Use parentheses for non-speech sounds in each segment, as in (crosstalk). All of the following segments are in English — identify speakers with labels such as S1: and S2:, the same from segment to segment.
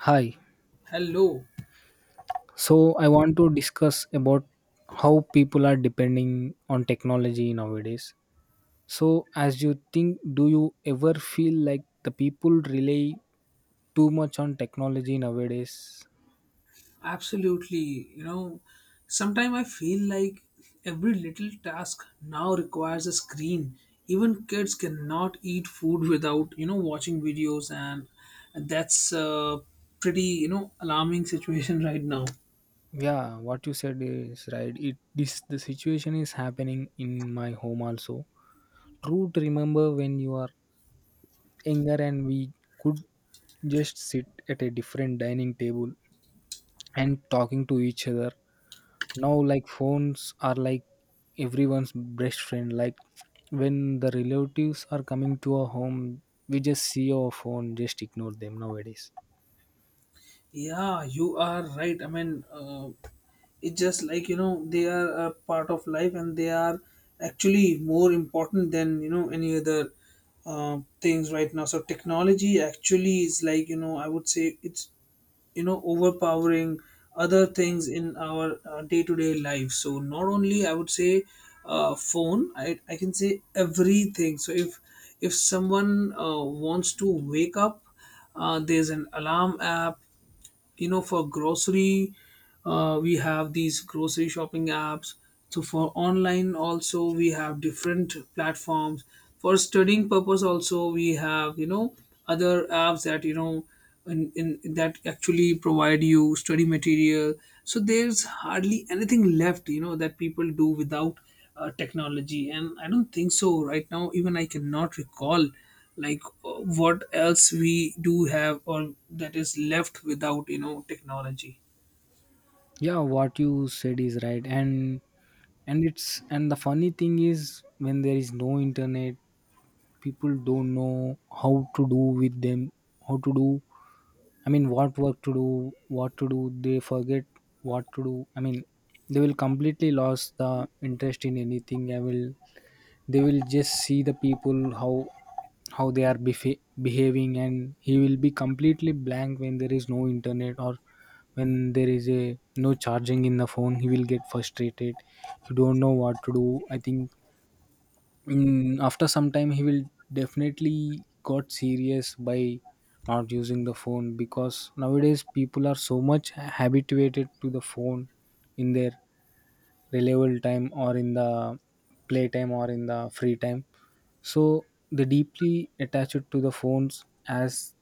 S1: Hi.
S2: Hello.
S1: So I want to discuss about how people are depending on technology nowadays. So as you think, do you ever feel like the people rely too much on technology nowadays?
S2: Absolutely. You know, sometimes I feel like every little task now requires a screen. Even kids cannot eat food without, watching videos, and that's a pretty, alarming situation (laughs) right now.
S1: Yeah, what you said is right. It this The situation is happening in my home also. True to remember when you are younger and we could just sit at a different dining table and talking to each other now like phones are like everyone's best friend like when the relatives are coming to our home we just see our phone just ignore them nowadays.
S2: Yeah, you are right. It's just like, you know, they are a part of life, and they are actually more important than, you know, any other things right now. So technology actually is like, you know, I would say it's, you know, overpowering other things in our day-to-day life. So not only, I would say, phone, I can say everything. So if someone wants to wake up, there's an alarm app. You know, for grocery, we have these grocery shopping apps. So for online also we have different platforms. For studying purpose also we have, you know, other apps, that, you know, in that actually provide you study material. So there's hardly anything left, you know, that people do without technology. And I don't think so right now even I cannot recall, like what else we do have or that is left without, you know, technology.
S1: Yeah, what you said is right. And it's, and the funny thing is when there is no internet people don't know how to do with them, how to do, I mean, what work to do, what to do, they forget what to do. I mean, they will completely lose the interest in anything. I will, they will just see the people, how they are behaving, and he will be completely blank when there is no internet or when there is a no charging in the phone. He will get frustrated. He don't know what to do. I think in after some time he will definitely got serious by not using the phone, because nowadays people are so much habituated to the phone in their reliable time or in the playtime or in the free time, so they deeply attach it to the phones as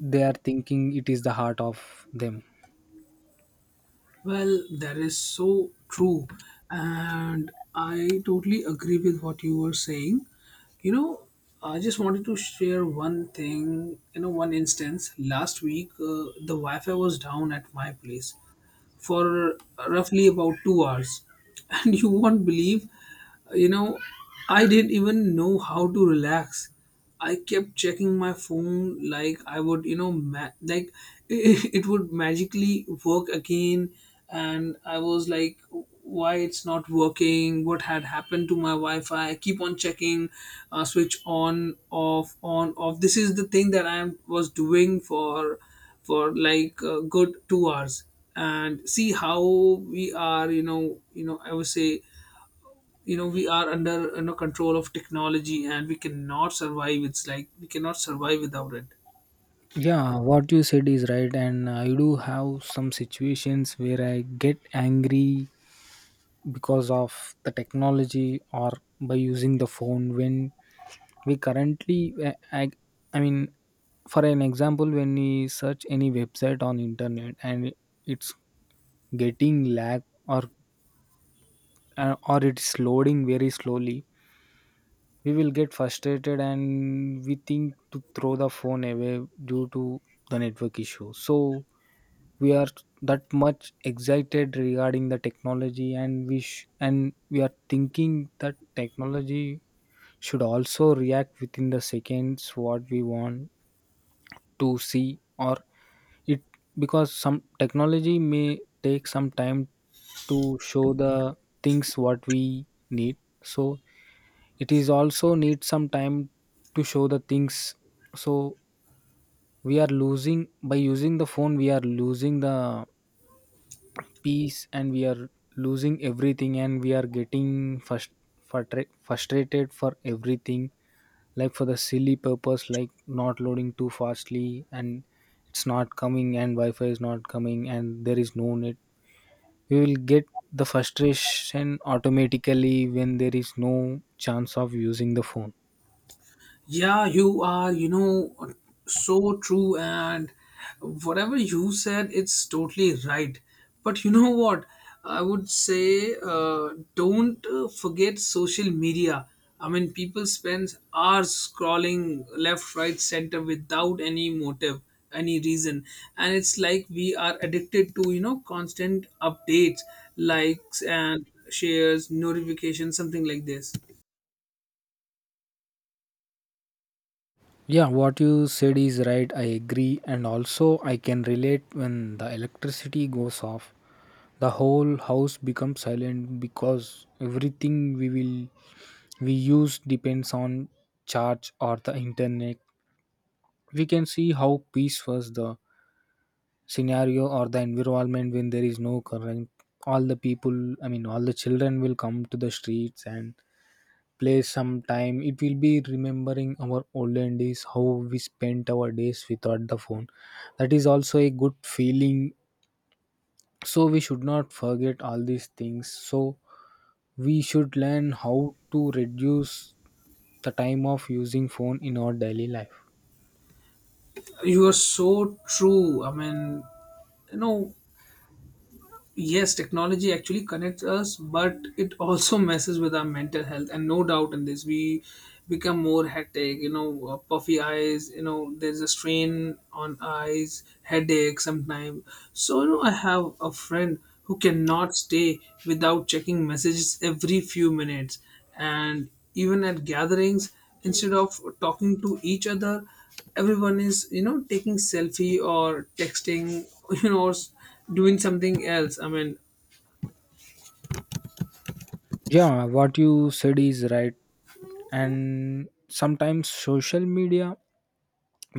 S1: they are thinking it is the heart of them.
S2: Well, that is so true, and I totally agree with what you were saying. You know, I just wanted to share one thing, you know, one instance. Last week the wi-fi was down at my place for roughly about 2 hours (laughs) and you won't believe. You know, I didn't even know how to relax. I kept checking my phone like I would, you know, like (laughs) it would magically work again. And I was like, why it's not working? What had happened to my Wi Fi? I keep on checking, switch on, off, on, off. This is the thing that was doing for like a good 2 hours. And see how we are, you know, I would say, you know, we are under, you know, control of technology, and we cannot survive. It's like we cannot survive without it.
S1: Yeah, what you said is right, and I do have some situations where I get angry because of the technology or by using the phone when we currently I mean, for an example, when we search any website on internet and it's getting lag, or or it's loading very slowly, we will get frustrated and we think to throw the phone away due to the network issue. So we are that much excited regarding the technology and and we are thinking that technology should also react within the seconds what we want to see, or it, because some technology may take some time to show the things what we need. So it is also need some time to show the things. So we are losing, by using the phone, we are losing the peace, and we are losing everything, and we are getting first frustrated for everything, like for the silly purpose like not loading too fastly and it's not coming and wi-fi is not coming and there is no net, we will get the frustration automatically when there is no chance of using the phone.
S2: Yeah, you are, you know, so true. And whatever you said, it's totally right. But you know what? I would say, don't forget social media. I mean, people spend hours scrolling left, right, center without any motive, any reason. And it's like we are addicted to, you know, constant updates, likes, and shares, notifications, something like this.
S1: Yeah, what you said is right. I agree, and also I can relate, when the electricity goes off the whole house becomes silent because everything we use depends on charge or the internet. We can see how peaceful the scenario or the environment when there is no current. All the people, I mean all the children will come to the streets and play some time. It will be remembering our olden days, how we spent our days without the phone. That is also a good feeling, so we should not forget all these things, so we should learn how to reduce the time of using phone in our daily life.
S2: You are so true. I mean, you know, yes, technology actually connects us, but it also (laughs) messes with our mental health, and no doubt in this we become more hectic, you know, puffy eyes, you know, there's a strain on eyes, headache sometimes. So you know I have a friend who cannot stay without checking messages every few minutes. And even at gatherings, instead of talking to each other, everyone is, you know, taking selfie or texting (laughs) you know, doing something else. I mean,
S1: Yeah, what you said is right. And sometimes social media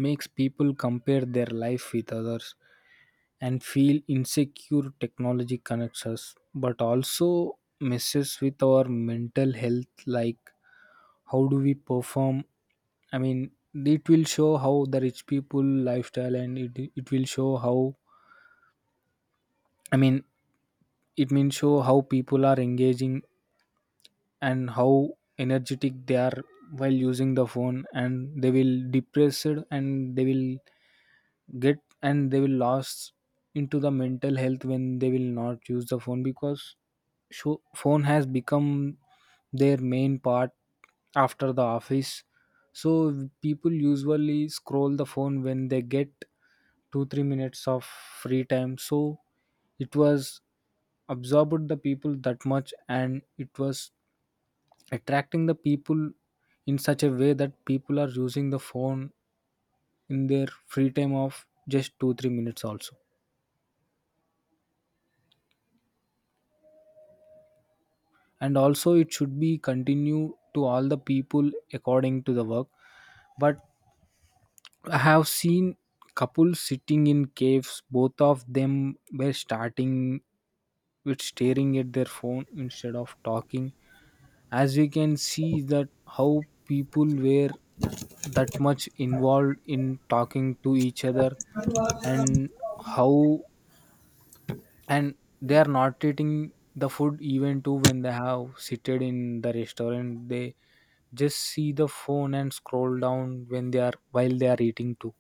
S1: makes people compare their life with others and feel insecure. Technology connects us, but also messes with our mental health. Like, how do we perform? I mean, it will show how the rich people lifestyle, and it will show how, I mean, it means show how people are engaging and how energetic they are while using the phone, and they will depressed, and they will get, and they will lost into the mental health when they will not use the phone, because phone has become their main part after the office. So people usually scroll the phone when they get 2 3 minutes of free time. So it was absorbed the people that much, and it was attracting the people in such a way that people are using the phone in their free time of just 2 3 minutes also, and also it should be continue to all the people according to the work. But I have seen couples sitting in caves, both of them were starting with staring at their phone instead of talking, as we can see that how people were that much involved in talking to each other, and how, and they are not eating the food even too. When they have seated in the restaurant, they just see the phone and scroll down when they are eating too.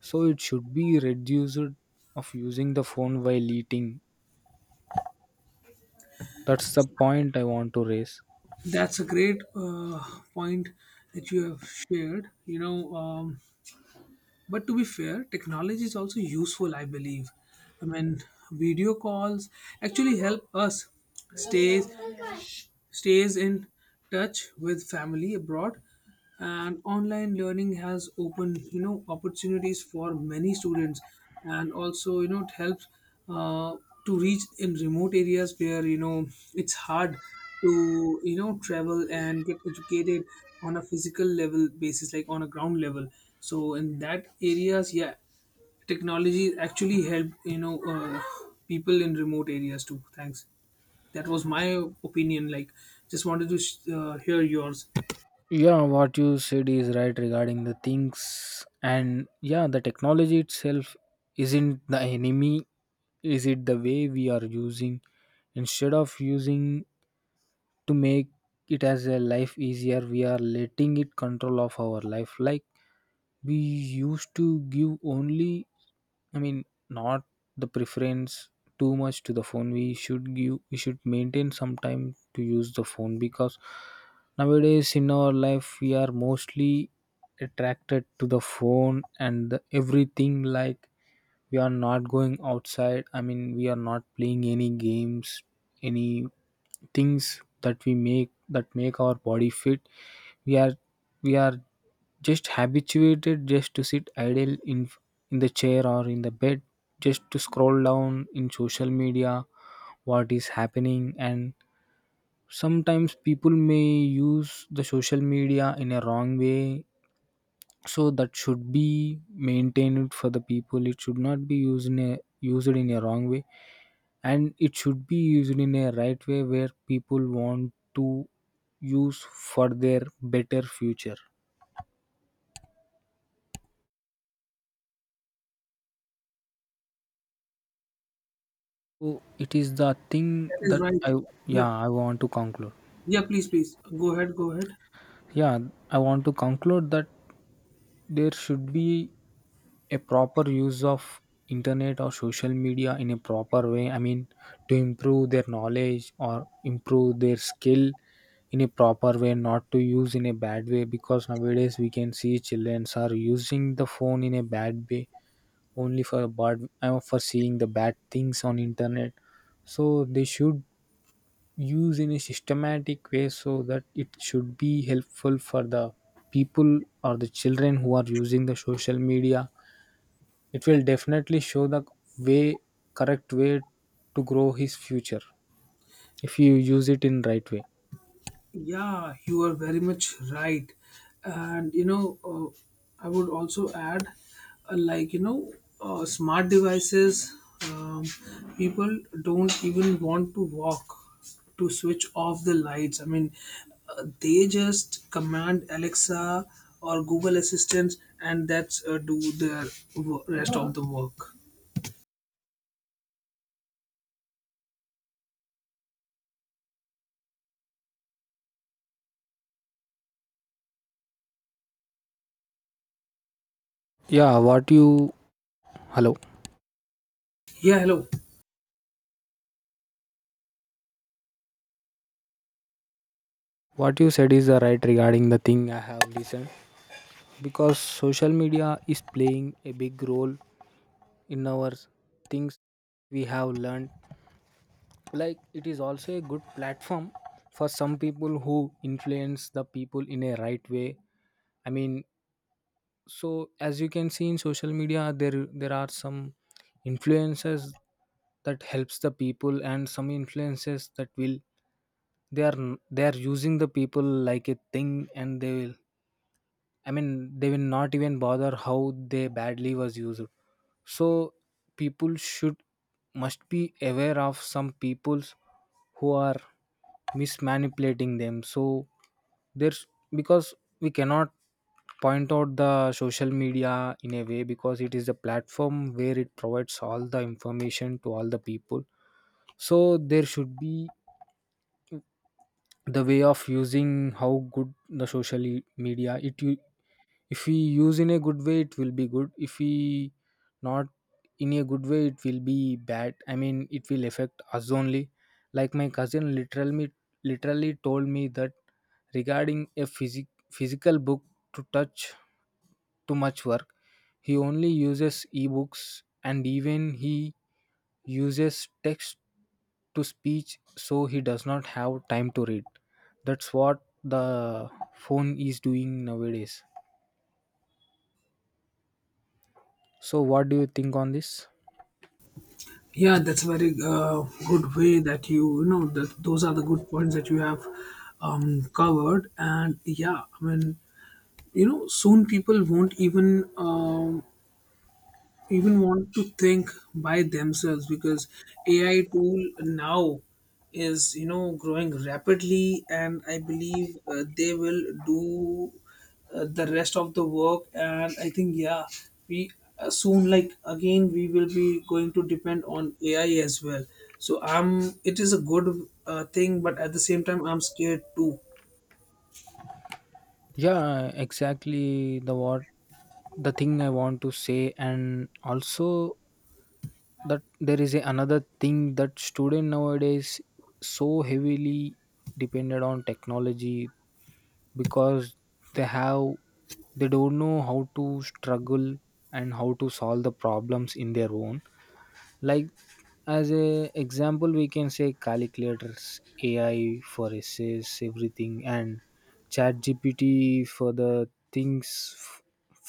S1: So it should be reduced, of using the phone while eating. That's the point I want to raise.
S2: that's a great point that you have shared. You know, but to be fair, technology is also useful, I believe. I mean, video calls actually help us stay stays in touch with family abroad. And online learning has opened, you know, opportunities for many students. And also, you know, it helps uh, to reach in remote areas where, you know, it's hard to, you know, travel and get educated on a physical level basis, like on a ground level. So in that areas, yeah, technology actually help, you know, people in remote areas too. Thanks. That was my opinion. Like, just wanted to hear yours.
S1: Yeah, what you said is right regarding the things, and yeah, the technology itself isn't the enemy, is it the way we are using? Instead of using to make it as a life easier, we are letting it control of our life. Like, we used to give only, I mean, not the preference too much to the phone. We should maintain some time to use the phone, because nowadays in our life we are mostly attracted to the phone and the everything. Like, we are not going outside. I mean, we are not playing any games, any things that we make, that make our body fit. We are we are just habituated just to sit idle in the chair or in the bed, just to scroll down in social media what is happening. And sometimes people may use the social media in a wrong way, so that should be maintained for the people. It should not be used in a wrong way, and it should be used in a right way where people want to use for their better future. So it is the thing
S2: That is
S1: that
S2: right.
S1: I.
S2: Yeah,
S1: Yeah, I want to conclude.
S2: yeah. Please, please go ahead. Go ahead.
S1: Yeah, I want to conclude that there should be a proper use of internet or social media in a proper way. I mean, to improve their knowledge or improve their skill in a proper way, not to use in a bad way. Because nowadays we can see children are using the phone in a bad way, only for bad, for seeing the bad things on internet. So they should use in a systematic way so that it should be helpful for the people or the children who are using the social media. It will definitely show the way, correct way, to grow his future if you use it in right way.
S2: Yeah, you are very much right. And you know, I would also add, like, you know, smart devices, um, people don't even want to walk to switch off the lights. I mean, they just command Alexa or Google Assistant, and that's, do their rest of the work.
S1: Yeah, what you hello.
S2: Yeah, hello.
S1: What you said is right regarding the thing. I have listened, because social media is playing a big role in our things we have learned. Like, it is also a good platform for some people who influence the people in a right way. I mean, so as you can see in social media, there are some influences that helps the people, and some influences that will, they are using the people like a thing, and they will, I mean, they will not even bother how they badly was used. So people should, must be aware of some peoples who are mismanipulating them. So there's, because we cannot point out the social media in a way, because it is a platform where it provides all the information to all the people. So there should be the way of using how good the social media it. If we use in a good way it will be good, if we not in a good way it will be bad. I mean, it will affect us only. Like, my cousin literally told me that regarding a physical book to touch, too much work. He only uses ebooks, and even he uses text to speech, so he does not have time to read. That's what the phone is doing nowadays. So what do you think on this?
S2: Yeah, that's a very good way that you know, that those are the good points that you have covered. And yeah, I mean, you know, soon people won't even even want to think by themselves, because AI tool now is, you know, growing rapidly, and I believe they will do the rest of the work. And I think, yeah, we, soon, like, again we will be going to depend on AI as well. So I'm, it is a good thing, but at the same time I'm scared too.
S1: Yeah, exactly the thing I want to say. And also that there is another thing, that student nowadays so heavily depended on technology, because they have they don't know how to struggle and how to solve the problems in their own. Like, as a example, we can say calculators, AI for essays, everything, and ChatGPT for the things,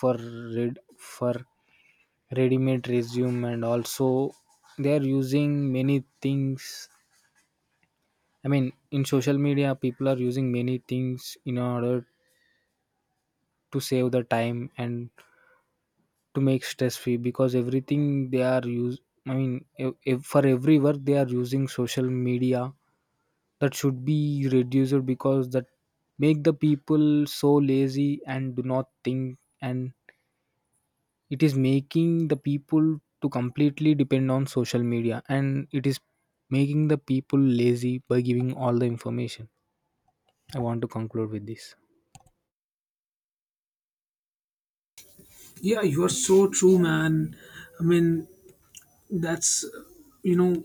S1: for for ready-made resume, and also they are using many things. I mean, in social media, people are using many things in order to save the time and to make stress-free, because everything they are use. I mean, for every work they are using social media that should be reduced because that make the people so lazy and do not think and it is making the people to completely depend on social media and it is making the people lazy by giving all the information. I want to conclude with this.
S2: Yeah, you're so true, man. I mean, that's, you know,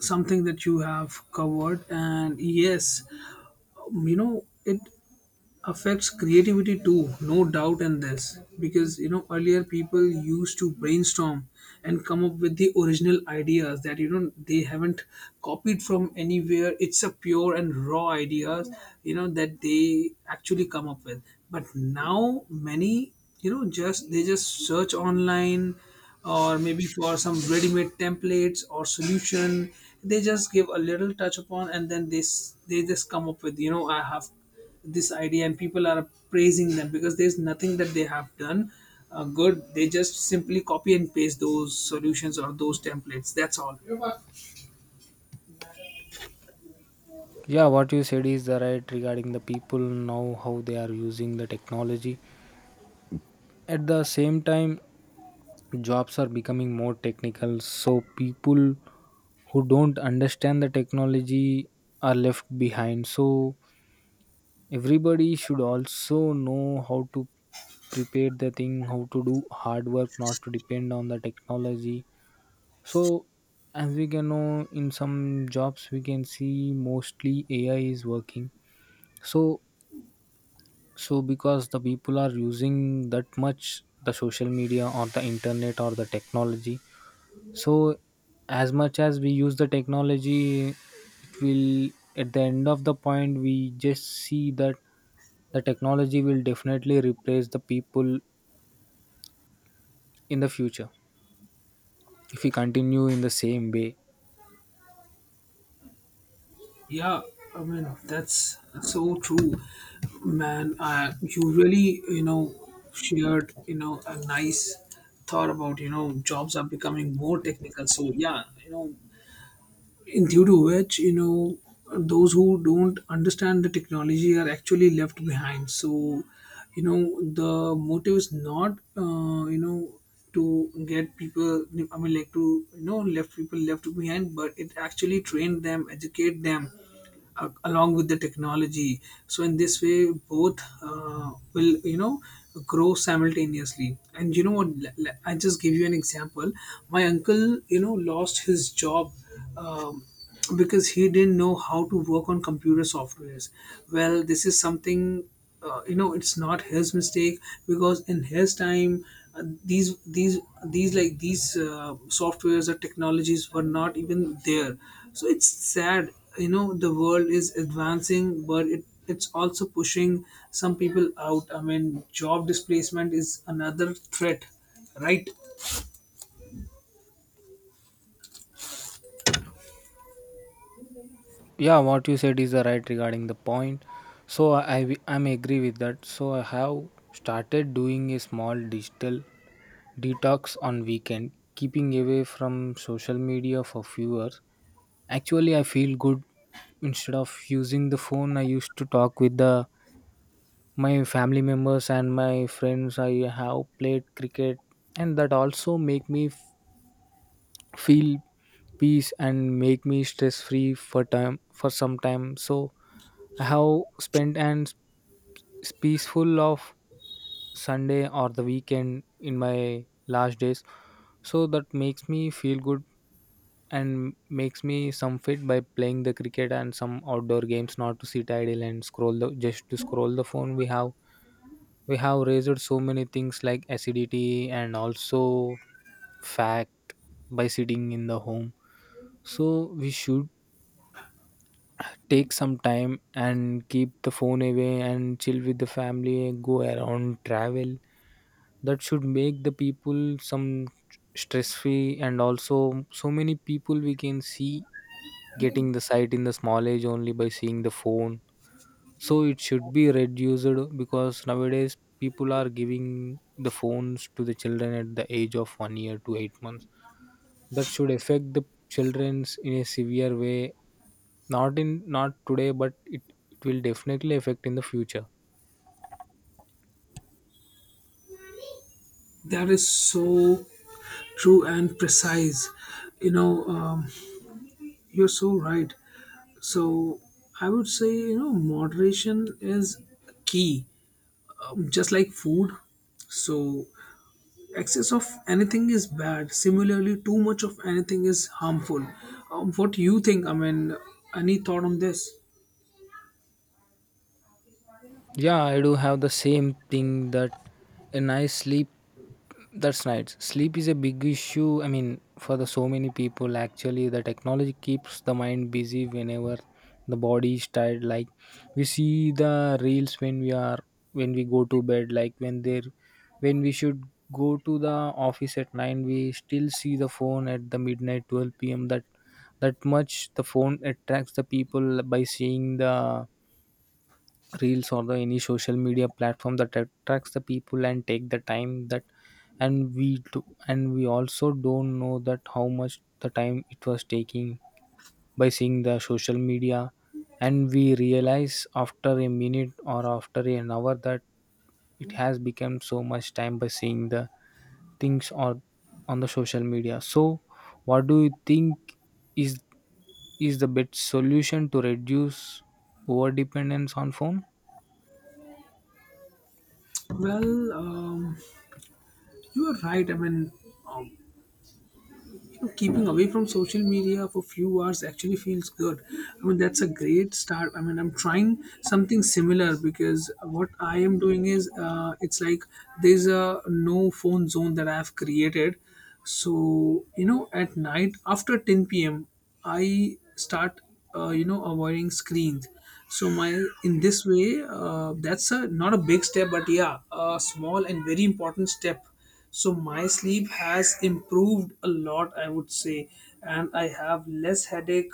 S2: something that you have covered. And yes, you know, it affects creativity too, no doubt in this, because you know earlier people used to brainstorm and come up with the original ideas that, you know, they haven't copied from anywhere. It's a pure and raw ideas, you know, that they actually come up with. But now many, you know, just they just search online, or maybe for some ready-made templates or solution, they just give a little touch upon, and then they just come up with, you know, I have this idea, and people are praising them because there's nothing that they have done good. They just simply copy and paste those solutions or those templates, that's all.
S1: Yeah, what you said is the right regarding the people now how they are using the technology. At the same time, jobs are becoming more technical so people who don't understand the technology are left behind. So everybody should also know how to prepare the thing, how to do hard work, not to depend on the technology. So as we can know in some jobs we can see mostly AI is working. So so because the people are using that much the social media or the internet or the technology. So, as much as we use the technology, it will, at the end of the point we just see that the technology will definitely replace the people in the future if we continue in the same way.
S2: Yeah, I mean, that's so true, man. You really, you know, shared, you know, a nice thought about, you know, jobs are becoming more technical. So yeah, you know, in due to which, you know, those who don't understand the technology are actually left behind. So, you know, the motive is not you know, to get people, I mean, like, to, you know, left people left behind, but it actually train them, educate them along with the technology. So in this way both will, you know, grow simultaneously. And you know what, I just give you an example. My uncle, you know, lost his job, um, because he didn't know how to work on computer softwares. Well, this is something, you know, it's not his mistake, because in his time, these these like these softwares or technologies were not even there. So it's sad, you know, the world is advancing, but it it's also pushing some people out. I mean, job displacement is another threat, right?
S1: Yeah, what you said is the right regarding the point. So I'm agree with that. So I have started doing a small digital detox on weekend, keeping away from social media for few hours. Actually, I feel good. Instead of using the phone, I used to talk with the my family members and my friends. I have played cricket, and that also make me feel peace and make me stress free for time for some time. So I have spent and peaceful of Sunday or the weekend in my last days. So that makes me feel good and makes me some fit by playing the cricket and some outdoor games, not to sit idle and scroll the just to scroll the phone. We have raised so many things like acidity and also fact by sitting in the home. So we should take some time and keep the phone away and chill with the family, go around, travel. That should make the people some stress free. And also, so many people we can see getting the sight in the small age only by seeing the phone. So it should be reduced because nowadays people are giving the phones to the children at the age of 1 year to 8 months. That should affect the children's in a severe way, not in not today, but it will definitely affect in the future.
S2: That is so true and precise. You know, um, you're so right. So I would say, you know, moderation is key, just like food. So excess of anything is bad. Similarly, too much of anything is harmful. What do you think? I mean, any thought on this?
S1: Yeah, I do have the same thing that a nice sleep. That's nice. Sleep is a big issue. I mean, for the so many people, actually the technology keeps the mind busy whenever the body is tired. Like we see the reels when we are, when we go to bed, like when there when we should go to the office at nine, we still see the phone at the midnight 12 p.m. That much the phone attracts the people by seeing the reels or the any social media platform that attracts the people and take the time that, and we do, and we also don't know that how much the time it was taking by seeing the social media. And we realize after a minute or after an hour that it has become so much time by seeing the things or on the social media. So what do you think is is the best solution to reduce over dependence on phone?
S2: Well, you are right. I mean, um, you know, keeping away from social media for few hours actually feels good. I mean, that's a great start. I mean, I'm trying something similar, because what I am doing is, it's like there's a no phone zone that I have created. So, you know, at night after 10 p.m., I start, you know, avoiding screens. So my, in this way, that's a not a big step, but yeah, a small and very important step. So my sleep has improved a lot, I would say. And I have less headache,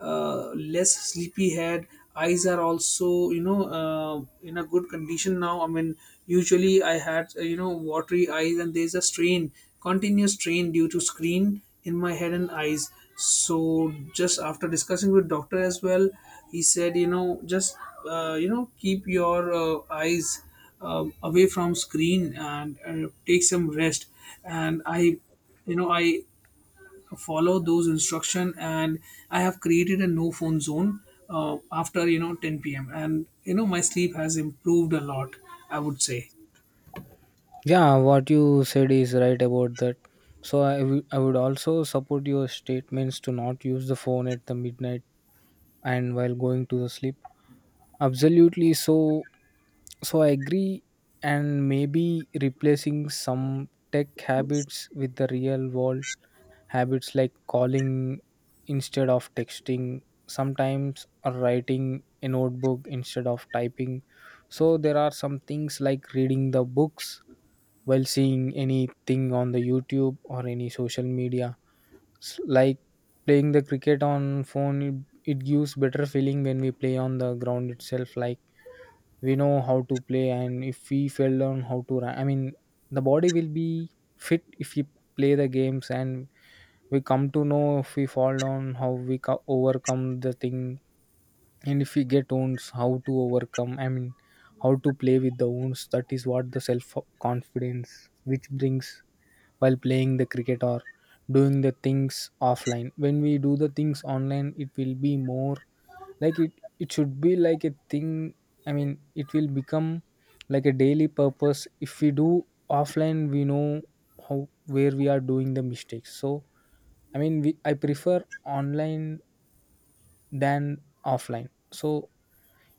S2: less sleepy head. Eyes are also, you know, in a good condition now. I mean, usually I had, you know, watery eyes, and there's a strain, continuous strain due to screen in my head and eyes. So just after discussing with doctor as well, he said, you know, just you know, keep your eyes away from screen, and take some rest. And I you know, I follow those instruction. And I have created a no phone zone after, you know, 10 p.m. And you know my sleep has improved a lot, I would say.
S1: Yeah, what you said is right about that. So I would also support your statements to not use the phone at the midnight and while going to the sleep. Absolutely. So I agree. And maybe replacing some tech habits with the real world habits, like calling instead of texting sometimes, or writing a notebook instead of typing. So there are some things like reading the books while seeing anything on the YouTube or any social media. Like playing the cricket on phone, it gives better feeling when we play on the ground itself. Like we know how to play, and if we fell down, how to run. I mean, the body will be fit if we play the games, and we come to know if we fall down, how we overcome the thing, and if we get wounds, how to overcome. I mean, how to play with the wounds. That is what the self confidence which brings while playing the cricket or doing the things offline. When we do the things online, it will be more, like it should be like a thing. I mean, it will become like a daily purpose. If we do offline, we know how where we are doing the mistakes. So I mean I prefer online than offline. So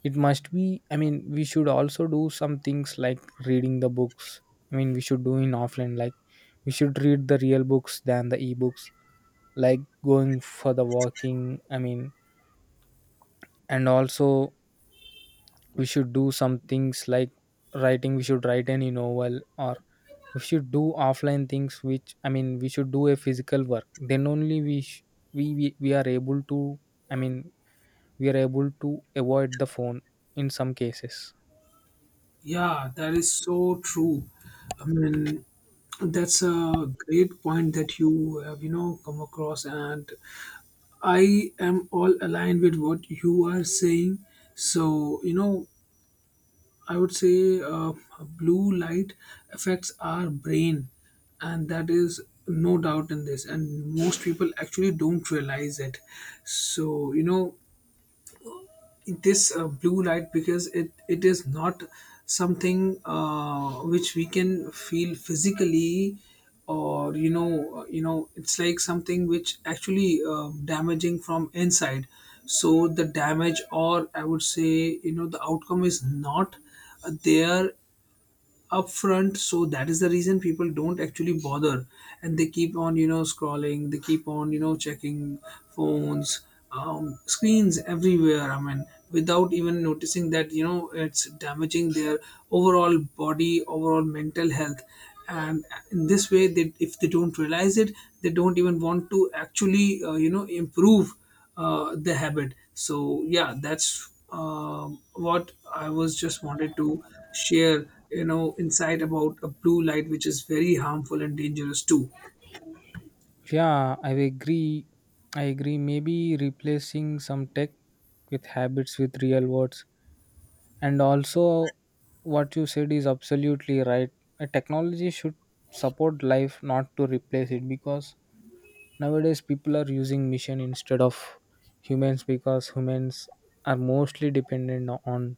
S1: it must be, I mean, we should also do some things like reading the books. I mean, we should do in offline, like we should read the real books than the ebooks, like going for the walking. I mean, and also we should do some things like writing, we should write any novel, or we should do offline things which I mean we should do a physical work, then only we are able to, I mean, we are able to avoid the phone in some cases.
S2: Yeah, that is so true. I mean, that's a great point that you have, you know, come across. And I am all aligned with what you are saying. So you know, I would say, blue light affects our brain, and that is no doubt in this. And most people actually don't realize it. So you know this blue light, because it is not something which we can feel physically. Or you know, you know it's like something which actually damaging from inside. So the damage, or I would say, you know, the outcome is not there upfront, so that is the reason people don't actually bother, and they keep on, you know, scrolling. They keep on, you know, checking phones, screens everywhere. I mean, without even noticing that, you know, it's damaging their overall body, overall mental health. And in this way, they, if they don't realize it, they don't even want to actually you know, improve the habit. So yeah, that's what I was just wanted to share. You know, insight about a blue light, which is very harmful and dangerous too.
S1: Yeah, I agree. I agree. Maybe replacing some tech with habits with real words. And also, what you said is absolutely right. A technology should support life, not to replace it. Because nowadays, people are using machine instead of humans, because humans are mostly dependent on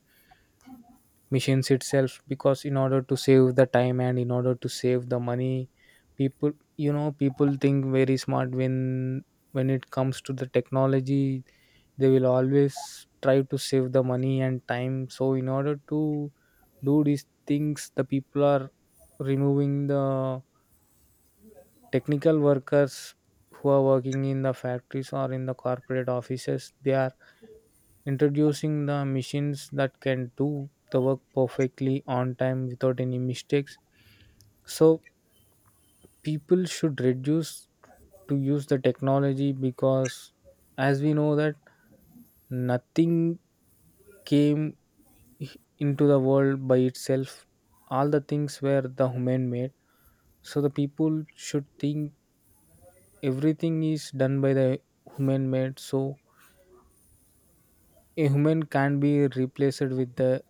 S1: machines itself, because in order to save the time and in order to save the money, people, you know, people think very smart when it comes to the technology, they will always try to save the money and time. So in order to do these things, the people are removing the technical workers who are working in the factories or in the corporate offices. They are introducing the machines that can do the work perfectly on time without any mistakes. So people should reduce to use the technology. Because as we know that nothing came into the world by itself, all the things were the human made. So the people should think everything is done by the human made. So a human can't be replaced with the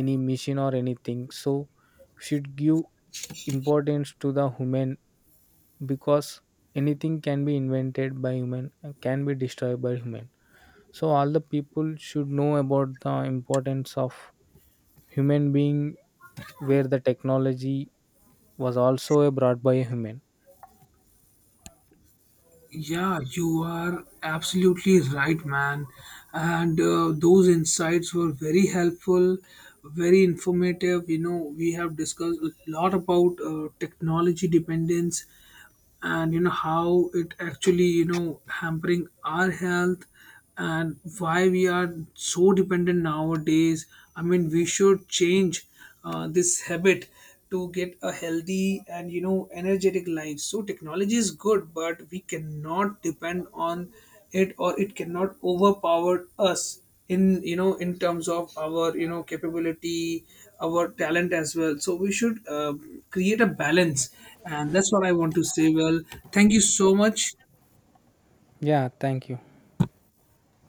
S1: any machine or anything. So should give importance to the human, because anything can be invented by human and can be destroyed by human. So all the people should know about the importance of human being, where the technology was also brought by a human.
S2: Yeah, you are absolutely right, man. And those insights were very helpful, very informative. You know, we have discussed a lot about technology dependence, and you know how it actually, you know, hampering our health, and why we are so dependent nowadays. I mean, we should change this habit to get a healthy and, you know, energetic life. So technology is good, but we cannot depend on it, or it cannot overpower us in, you know, in terms of our, you know, capability, our talent as well. So we should, create a balance, and that's what I want to say. Well, thank you so much.
S1: Yeah, thank you.